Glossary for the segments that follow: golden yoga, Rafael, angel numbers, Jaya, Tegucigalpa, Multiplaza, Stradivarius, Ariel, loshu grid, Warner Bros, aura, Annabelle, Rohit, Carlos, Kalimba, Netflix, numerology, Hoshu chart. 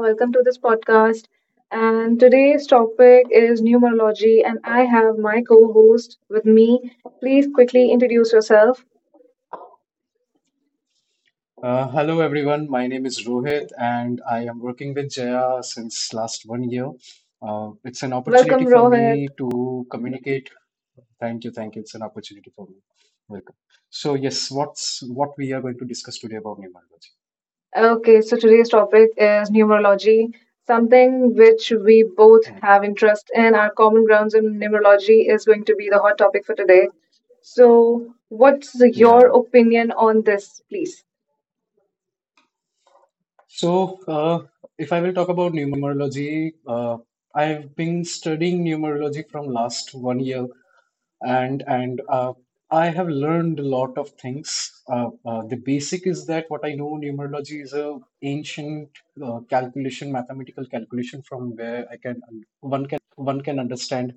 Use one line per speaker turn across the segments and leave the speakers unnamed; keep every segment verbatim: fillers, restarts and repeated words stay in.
Welcome to this podcast. And today's topic is numerology, and I have my co host with me. Please quickly introduce yourself.
Uh, hello everyone, my name is Rohit and I am working with Jaya since last one year. Uh, it's an opportunity
Welcome,
for
Rohit.
me to communicate. Thank you, thank you. It's an opportunity for me. Welcome. So yes, what's what we are going to discuss today about numerology?
Okay, so today's topic is numerology, something which we both
Uh,
have interest in. Our common grounds in numerology is going to be the hot topic for today. So, what's your
Yeah.
opinion on this, please?
So uh, if I will talk about numerology, uh, I've been studying numerology from last one year and and uh, I have learned a lot of things. Uh, uh, the basic is that what I know numerology is a ancient uh, calculation, mathematical calculation from where I can one can understand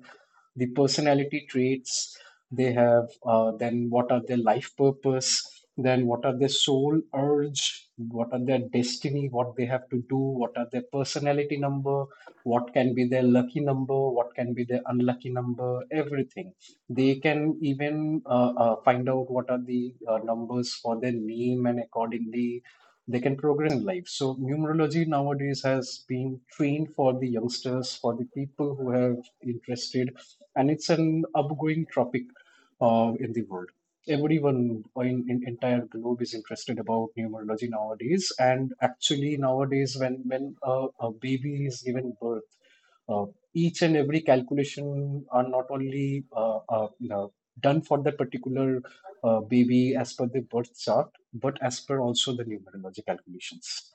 the personality traits they have, uh, then what are their life purpose, then what are their soul urge, what are their destiny, what they have to do, what are their personality number, what can be their lucky number, what can be their unlucky number, everything. They can even uh, uh, find out what are the uh, numbers for their name and accordingly they can progress in life. So numerology nowadays has been trained for the youngsters, for the people who have interested and it's an upgoing topic uh, in the world. Everyone in, in entire globe is interested about numerology nowadays. And actually, nowadays, when when a, a baby is given birth, uh, each and every calculation are not only uh, uh, you know, done for that particular uh, baby as per the birth chart, but as per also the numerology calculations.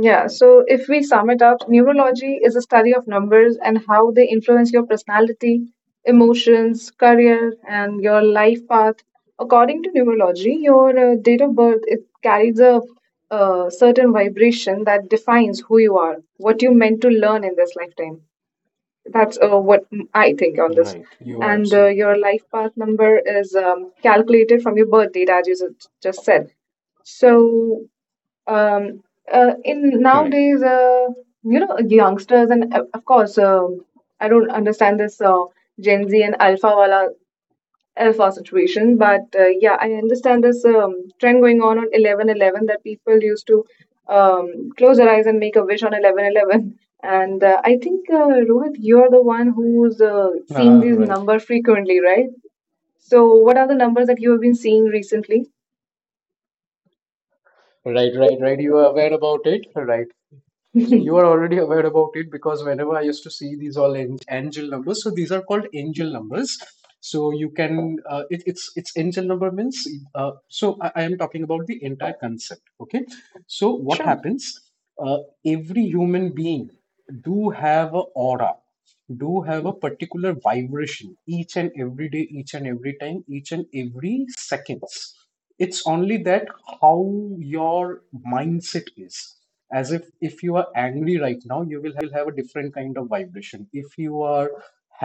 Yeah, so if we sum it up, neurology is a study of numbers and how they influence your personality, emotions, career, and your life path. According to neurology, your uh, date of birth it carries a, uh certain vibration that defines who you are, what you meant to learn in this lifetime. That's uh, what I think on this.
Right, you are
And uh,
absolutely
your
correct.
life path number is um, calculated from your birth date, as you s- just said. So um, uh, in
Correct.
nowadays, uh, you know, youngsters and uh, of course, uh, I don't understand this uh, Gen Z and Alpha wala Alpha situation, but uh, yeah, I understand this um, trend going on on eleven eleven that people used to um, close their eyes and make a wish on eleven eleven. And uh, I think uh, Rohit, you're the one who's uh, seeing
Ah,
these
right.
numbers frequently, right? So, what are the numbers that you have been seeing recently?
Right, right, right. You are aware about it, right? So you are already aware about it because whenever I used to see these all an- angel numbers, so these are called angel numbers. So you can uh, it, it's it's angel number means uh, so I, I am talking about the entire concept. Okay, so what
Sure.
happens? Uh, every human being do have a aura, do have a particular vibration each and every day, each and every time, each and every seconds it's only that how your mindset is as if if you are angry right now you will have a different kind of vibration if you are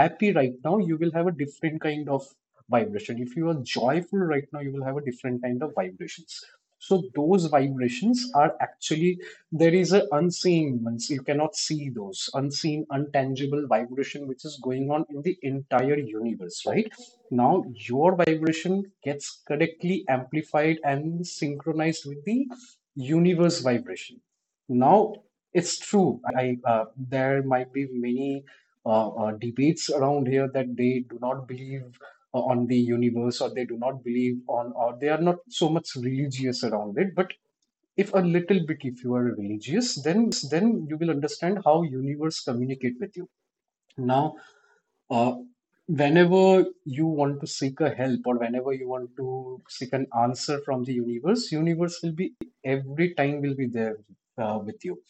happy right now you will have a different kind of vibration if you are joyful right now you will have a different kind of vibrations so those vibrations are actually there is a unseen means you cannot see those unseen untangible vibration which is going on in the entire universe right now your vibration gets correctly amplified and synchronized with the universe vibration. Now it's true. I, I uh, there might be many uh, uh, debates around here that they do not believe uh, on the universe or they do not believe on or they are not so much religious around it. But if a little bit, if you are religious, then you will understand how universe communicate with you. Now uh, whenever you want to seek a help or whenever you want to seek an answer from the universe, universe will be every time will be there uh, with you.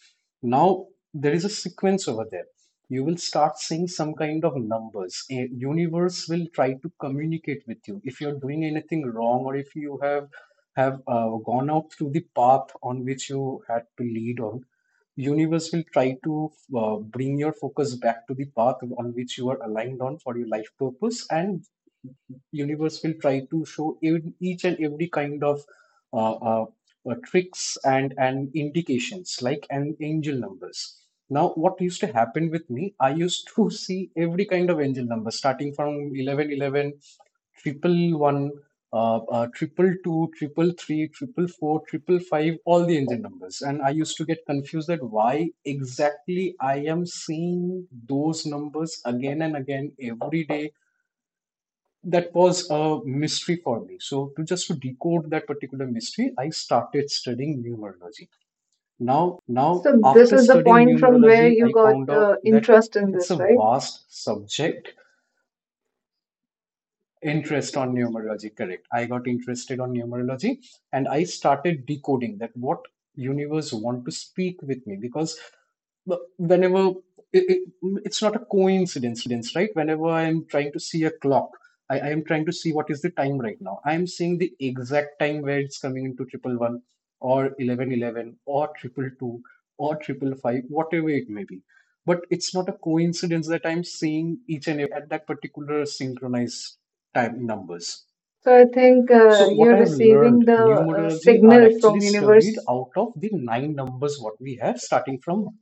Now there is a sequence over there. You will start seeing some kind of numbers. A universe will try to communicate with you if you're doing anything wrong or if you have have uh, gone out through the path on which you had to lead on universe will try to uh, bring your focus back to the path on which you are aligned on for your life purpose and universe will try to show ev- each and every kind of uh, uh, uh, tricks and and indications like an angel numbers now what used to happen with me I used to see every kind of angel number starting from eleven, eleven triple one, uh, uh, triple two, triple three, triple four, triple five, all the engine numbers. And I used to get confused that why exactly I am seeing those numbers again and again every day. That was a mystery for me. So to just to decode that particular mystery, I started studying numerology. Now,
So this
after
is the
studying
point from where
numerology,
you
I
got
found out
uh,
that
interest in
it's a
this, right?
vast subject interest on numerology correct I got interested on numerology and I started decoding that what universe want to speak with me because whenever it, it, it's not a coincidence right whenever I'm trying to see a clock I, I am trying to see what is the time right now I'm seeing the exact time where it's coming into triple one or eleven eleven or triple two or triple five whatever it may be but it's not a coincidence that I'm seeing each and every day at that particular synchronized time numbers
So I think
so
uh,
what
you're
I have learned
receiving the uh,
numerology are
signal
actually
from
studied
universe,
out of the nine numbers what we have starting from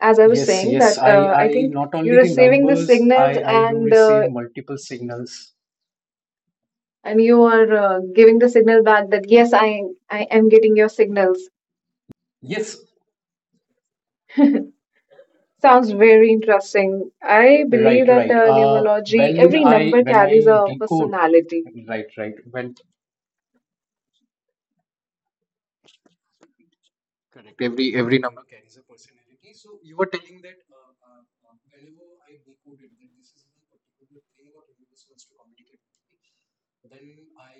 as I was
Yes,
saying
yes.
that
I,
uh, I
I
think
not
you're
only the
receiving the
numbers,
signals
I, I do
and uh,
receive multiple signals.
and you are uh, giving the signal back that yes, I I am getting your signals.
Yes,
Sounds very interesting. I believe
right,
that
right.
uh,
Uh,
numerology,
when
every
I
number
when
carries
I
a
decode,
personality.
right, right. When correct, every every number carries a personality. So you were telling that uh, uh, uh, whenever I decode it, that this is the particular thing what universe wants to communicate with me. Then I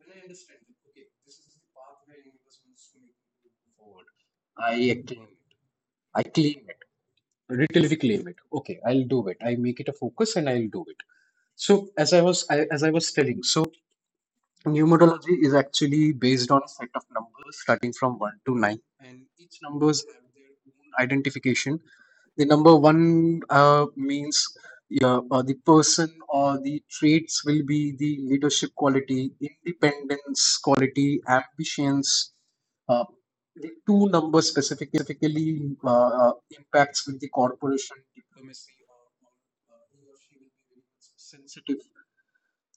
when I understand that okay, this is the path where universe wants to make me move forward. I claim it. I claim it. Retail we claim it. Okay, I'll do it. I make it a focus and I'll do it. So as I was I, as I was telling, so numerology is actually based on a set of numbers starting from one to nine, and each numbers have their own identification the number one uh, means yeah, uh, the person or the traits will be the leadership quality, independence quality, ambitions. Uh, the two numbers specifically uh, uh, impacts with the corporation diplomacy or or, uh, he or she will be very sensitive.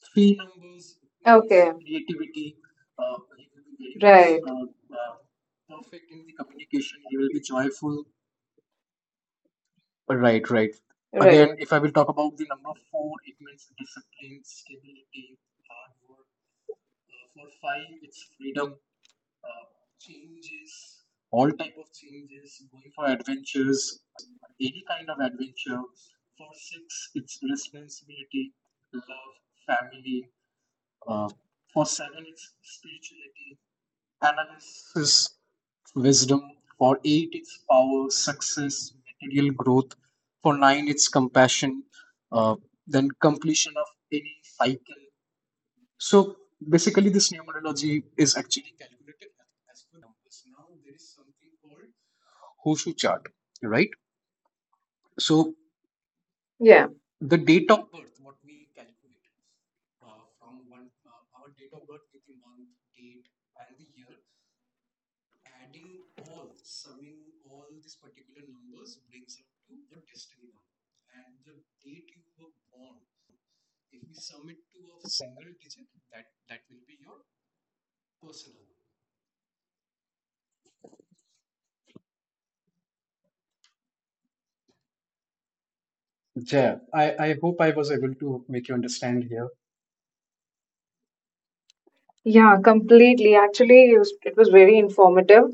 Three numbers
Okay,
means creativity. Uh, he will be very much
right,
uh, uh, perfect in the communication. He will be joyful Right, right.
right,
Again, if I will talk about the number four, it means discipline, stability, hard work. Uh, for five, it's freedom, uh, changes, all type of changes, going for adventures, any kind of adventure. For six, it's responsibility, love, family. Uh, for seven, it's spirituality. Analysis, wisdom. For eight, it's power, success, material growth. For nine, it's compassion, uh, then completion of any cycle. So basically, this numerology is actually calculated as per this nine numbers. Now there is something called Hoshu chart, right? So
yeah.
the date of birth, what we calculate uh, from one uh, our date of birth with the month, date, and the year. Adding all, summing all these particular numbers brings up to the destiny number. And the date you were born, if we sum it to a single digit, that, that will be your personal number. Yeah, I, I hope I was able to make you understand here.
Yeah, completely. Actually, it was, it was very informative.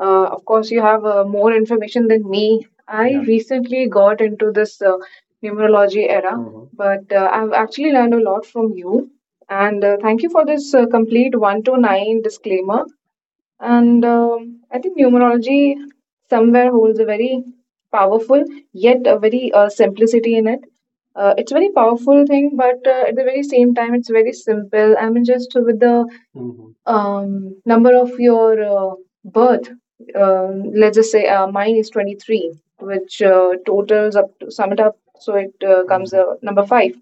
Uh, of course, you have uh, more information than me. I
Yeah.
recently got into this uh, numerology era,
Mm-hmm.
but uh, I've actually learned a lot from you. And uh, thank you for this uh, complete one to nine disclaimer. And um, I think numerology somewhere holds a very powerful yet a very uh, simplicity in it. Uh, it's a very powerful thing, but uh, at the very same time, it's very simple. I mean, just with the
Mm-hmm.
um, number of your uh, birth. Uh, let's just say uh, mine is twenty-three, which uh, totals up to sum it up, so it uh, comes uh, number five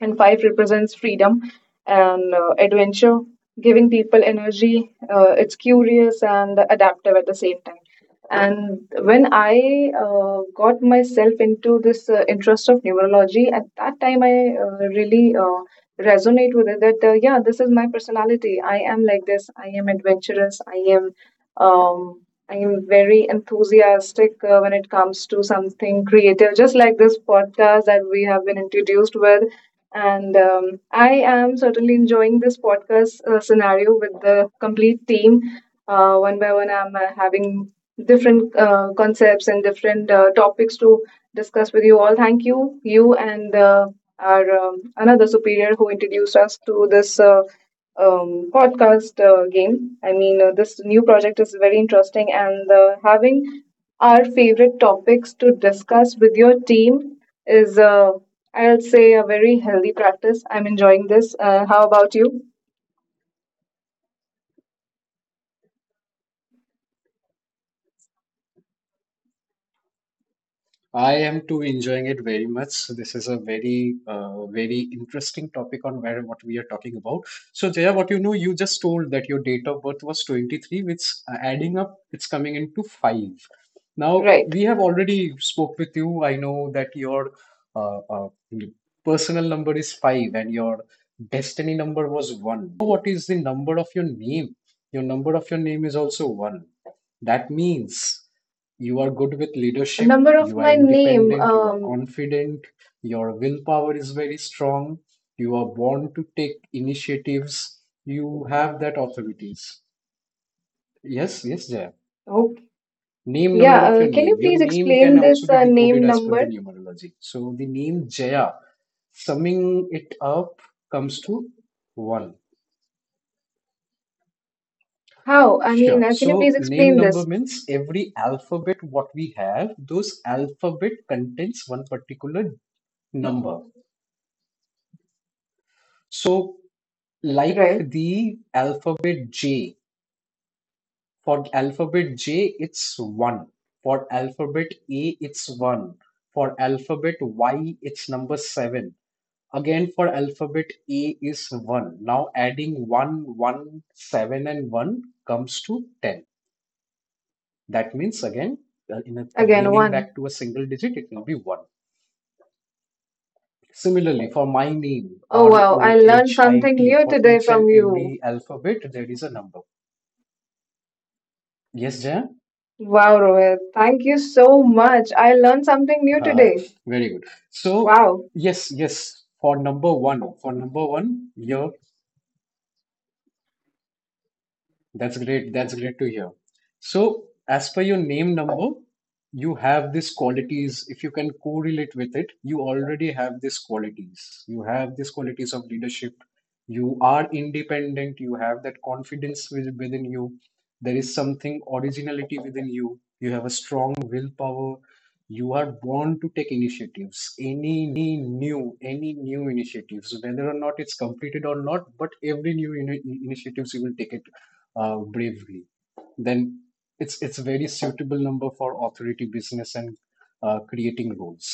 and five represents freedom and uh, adventure, giving people energy. Uh, it's curious and adaptive at the same time. And when I uh, got myself into this uh, interest of neurology, at that time I uh, really uh, resonate with it that, uh, yeah, this is my personality. I am like this. I am adventurous. I am. Um, I am very enthusiastic uh, when it comes to something creative, just like this podcast that we have been introduced with and um, I am certainly enjoying this podcast uh, scenario with the complete team. Uh, one by one, I'm uh, having different uh, concepts and different uh, topics to discuss with you all. Thank you, you and uh, our um, another superior who introduced us to this uh, um, podcast uh, game. I mean, uh, this new project is very interesting, and uh, having our favorite topics to discuss with your team is, uh, I'll say, a very healthy practice. I'm enjoying this. Uh, how about you?
I am too enjoying it very much. So this is a very, uh, very interesting topic on where what we are talking about. So, Jaya, what you know, you just told that your date of birth was twenty-three, which uh, adding up, it's coming into five. Now,
Right.
we have already spoke with you. I know that your uh, uh, personal number is five and your destiny number was one. Do you know what is the number of your name? Your number of your name is also one. That means you are good with leadership,
Number of
you are
my name.
independent, you are
Um,
confident, your willpower is very strong, you are born to take initiatives, you have that authorities. Yes, yes, Jaya.
okay.
Name
Yeah.
number of
Uh,
your
can you
name. Your
please
name can
explain
also
this
be
uh,
decoded
name
as per the
number?
numerology. So the name Jaya, summing it up, comes to one.
How? I mean,
Sure.
uh, can you please
So name
explain
number
this?
means every alphabet what we have, those alphabet contains one particular number. So like
Right.
the alphabet J. For alphabet J, it's one. For alphabet A, it's one. For alphabet Y, it's number seven. Again, for alphabet A is one. Now adding one, one, seven, and one comes to ten. That means again, uh, in a,
Again,
bringing
one.
back to a single digit, it will be one. Similarly, for my name,
Oh,
R
wow. I
O
learned
H I
something
T,
new
for
today
each
from
and
you.
every alphabet, there is a number. Yes, Jaya?
Wow, Rohit, thank you so much. I learned something new
Haha,
today.
very good. So,
Wow.
yes, yes, for number one, oh, for number one, your that's great. That's great to hear. So, as per your name number, you have these qualities. If you can correlate with it, you already have these qualities. You have these qualities of leadership. You are independent. You have that confidence with- within you. There is something originality within you. You have a strong willpower. You are born to take initiatives. Any new, any new initiatives, whether or not it's completed or not, but every new ini- initiatives you will take it uh, bravely, then it's it's a very suitable number for authority business and uh, creating roles.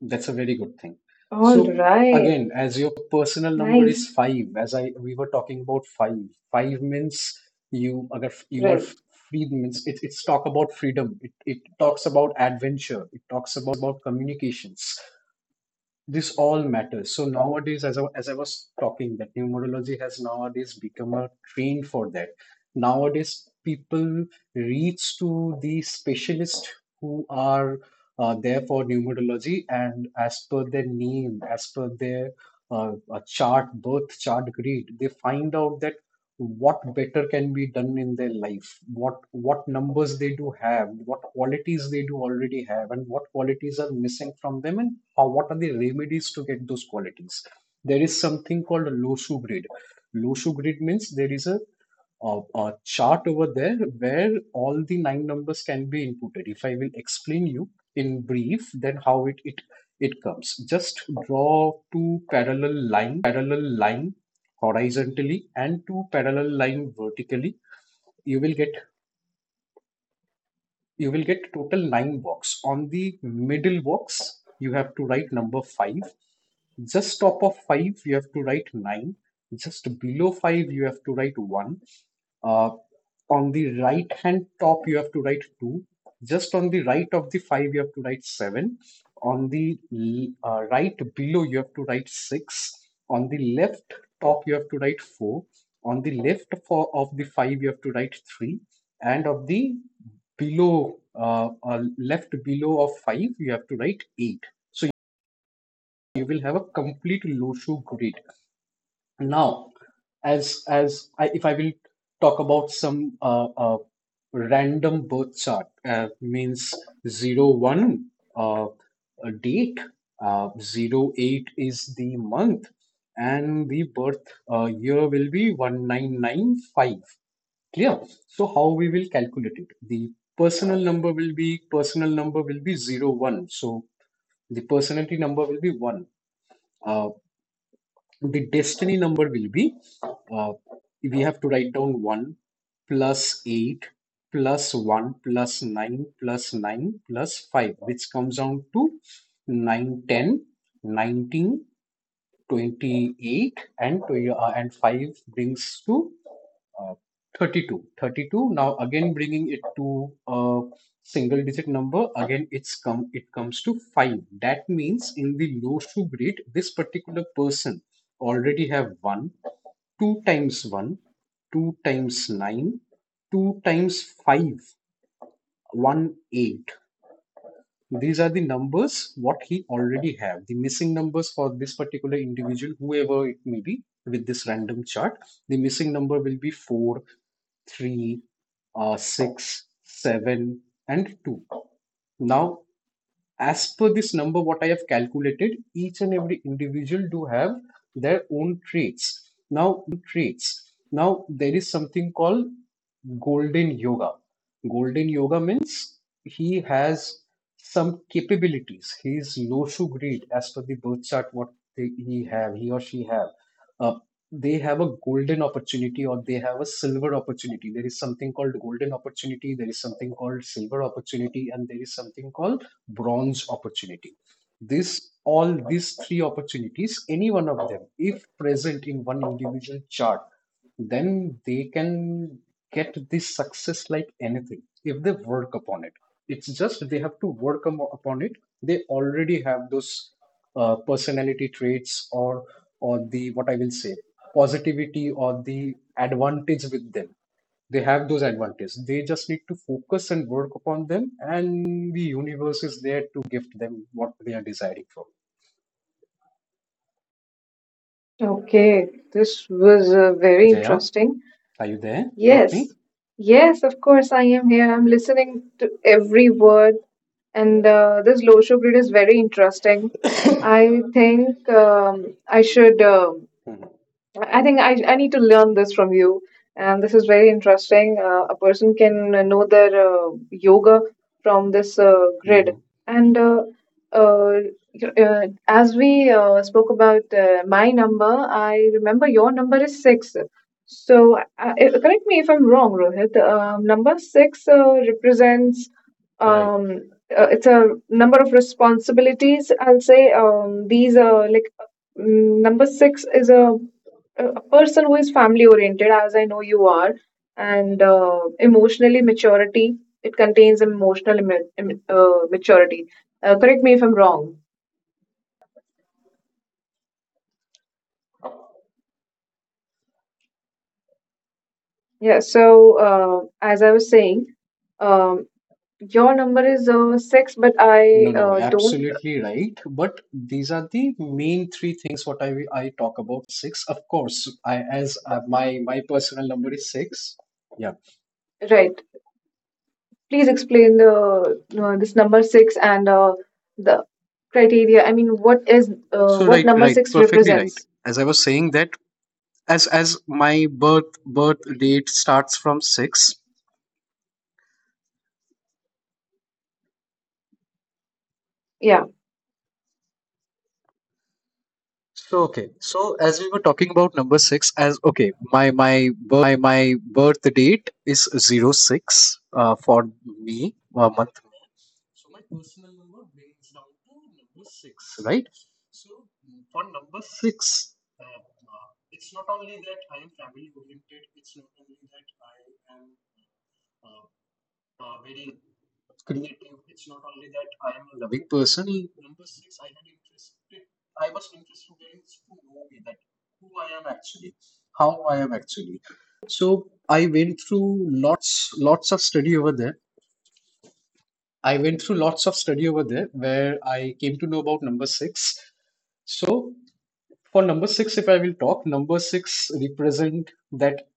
That's a very good thing.
All
So
right.
again, as your personal number
Nice.
is five, as I we were talking about five, five means you अगर you are
Right.
free means it, it's talk about freedom. It it talks about adventure. It talks about communications. This all matters. So nowadays, as I, as I was talking, that numerology has nowadays become a trend for that. Nowadays, people reach to the specialists who are uh, there for numerology, and as per their name, as per their uh, uh, chart, birth chart, grade, they find out that what better can be done in their life, what what numbers they do have, what qualities they do already have, and what qualities are missing from them, and how what are the remedies to get those qualities. There is something called a loshu grid. Loshu grid means there is a, a, a chart over there where all the nine numbers can be inputted. If I will explain you in brief then how it it it comes, just draw two parallel line horizontally and two parallel line vertically. You will get you will get total nine box. On the middle box you have to write number five. Just top of five you have to write nine. Just below five you have to write one. uh, on the right hand top you have to write two. Just on the right of the five you have to write seven. On the uh, right below you have to write six. On the left top you have to write four. On the left for of the five you have to write three. And of the below uh, uh, left below of five you have to write eight. So you will have a complete loshu grid. Now as as I, if I will talk about some uh, uh, random birth chart uh, means zero one 1 uh, a date uh, zero eight is the month and the birth uh, year will be nineteen ninety-five. Clear? So how we will calculate it? The personal number will be personal number will be zero one. So the personality number will be one. Uh, the destiny number will be uh, we have to write down one plus eight plus one plus nine plus nine plus five, which comes down to nine ten nineteen. twenty-eight and twenty, uh, and five brings to uh, 32 32 Now again bringing it to a single digit number, again it's come it comes to five. That means in the low shoe grade this particular person already have one two times, one two times, nine two times, five one eight. These are the numbers what he already have. The missing numbers for this particular individual, whoever it may be with this random chart, the missing number will be four three uh, six seven and two. Now as per this number what I have calculated, each and every individual do have their own traits. Now there is something called golden yoga. Golden yoga means he has some capabilities, he is low to grade as per the birth chart, what they, he have he or she have, uh, they have a golden opportunity or they have a silver opportunity. There is something called golden opportunity, there is something called silver opportunity, and there is something called bronze opportunity. This all These three opportunities, any one of them if present in one individual chart, then they can get this success like anything if they work upon it. It's just they have to work upon it. They already have those uh, personality traits or or the what I will say positivity or the advantage with them. They have those advantages, they just need to focus and work upon them, and the universe is there to gift them what they are desiring from.
Okay. This was uh, very
Jaya,
interesting.
are you there with me?
Yes. Yes, of course, I am here. I'm listening to every word. And uh, this low show grid is very interesting. I think um, I should. Uh, I think I, I need to learn this from you. And this is very interesting. Uh, a person can uh, know their uh, yoga from this uh,
Mm-hmm.
grid. And uh, uh, y- uh, as we uh, spoke about uh, my number, I remember your number is six. So, uh, uh, correct me if I'm wrong, Rohit. Um, number six uh, represents
Right.
um, uh, it's a number of responsibilities. I'll say um, these are like mm, number six is a a a person who is family oriented as I know you are, and uh, emotionally maturity it contains emotional ima- im- uh, maturity. Uh, correct me if I'm wrong. Yeah, so uh, as I was saying, um, your number is uh, six, but I
No, no,
uh, don't.
absolutely right. But these are the main three things what I I talk about. Six, of course. I as uh, my my personal number is six. Yeah.
Right, please explain the uh, this number six and uh, the criteria. I mean, what is uh,
So
what
right,
number
right,
six
perfectly
represents?
right. As I was saying that as as my birth birth date starts from six.
Yeah.
So okay. So as we were talking about number six, as okay, my my birth date is zero six uh, for me, uh, month, right? Number six, uh, uh, creative. It's not only that I am a loving person. Number six, I had interested. I was interested in to know me that who I am actually, how I am actually. So I went through lots, lots of study over there. I went through lots of study over there where I came to know about number six. So for number six, if I will talk, number six represent that.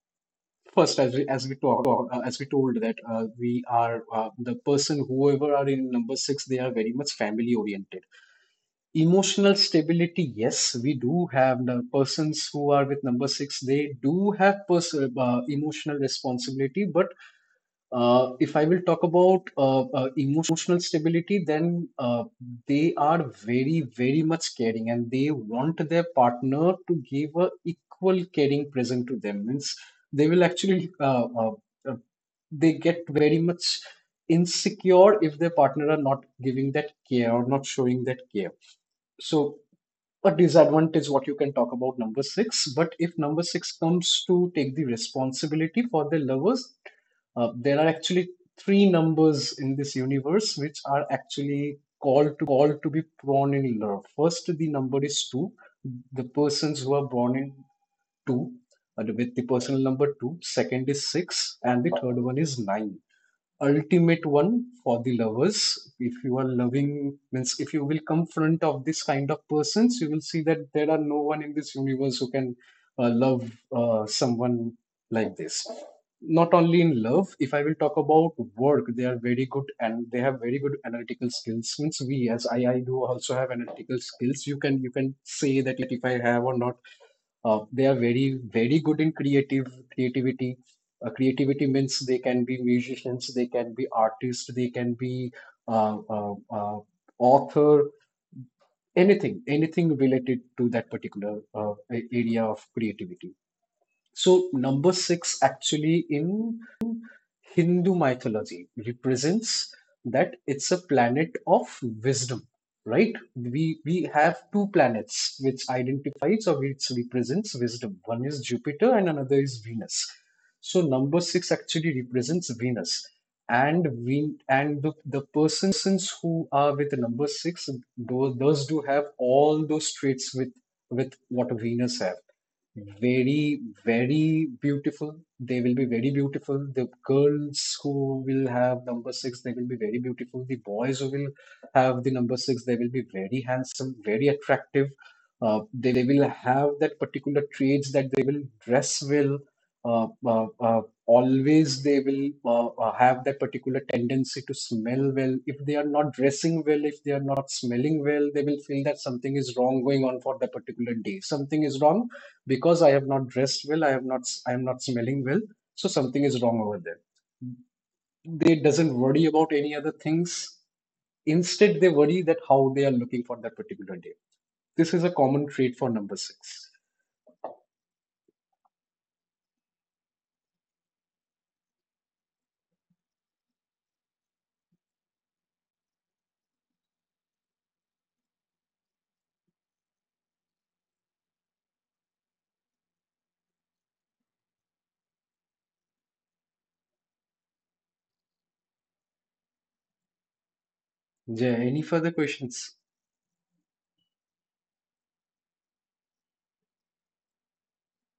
First, as we as we talk, uh, as we told that uh, we are uh, the person whoever are in number six, they are very much family oriented. Emotional stability, yes, we do have the persons who are with number six, they do have pers- uh, emotional responsibility. But uh, if I will talk about uh, uh, emotional stability, then uh, they are very very much caring, and they want their partner to give a equal caring present to them. Means they will actually. Uh, uh, they get very much insecure if their partner are not giving that care or not showing that care. So a disadvantage what you can talk about number six. But if number six comes to take the responsibility for their lovers, uh, there are actually three numbers in this universe which are actually called to be born in love. First, the number is two. The persons who are born in two, uh, with the personal number two. Second is six, and the third one is nine, ultimate one for the lovers. If you are loving, means if you will come front of this kind of persons, you will see that there are no one in this universe who can uh, love uh, someone like this. Not only in love, if I will talk about work, they are very good and they have very good analytical skills. Means we, as i i do also have analytical skills, you can you can say that if I have or not. Uh, they are very, very good in creative creativity. Uh, creativity means they can be musicians, they can be artists, they can be uh, uh, uh, author, anything, anything related to that particular uh, a- area of creativity. So number six actually in Hindu mythology represents that it's a planet of wisdom, right? We we have two planets which identifies or which represents wisdom. One is Jupiter and another is Venus. So number six actually represents Venus. And we and the, the persons who are with the number six, those, those do have all those traits with with what Venus have, very, very beautiful. They will be very beautiful. The girls who will have number six, they will be very beautiful. The boys who will have the number six, they will be very handsome, very attractive. Uh, they will have that particular traits that they will dress well. Uh, uh, uh, always they will uh, uh, have that particular tendency to smell well. If they are not dressing well, if they are not smelling well, they will feel that something is wrong going on for that particular day. Something is wrong because I have not dressed well, i have not i am not smelling well, so something is wrong over there. They doesn't worry about any other things, instead they worry that how they are looking for that particular day. This is a common trait for number six. Yeah, any further questions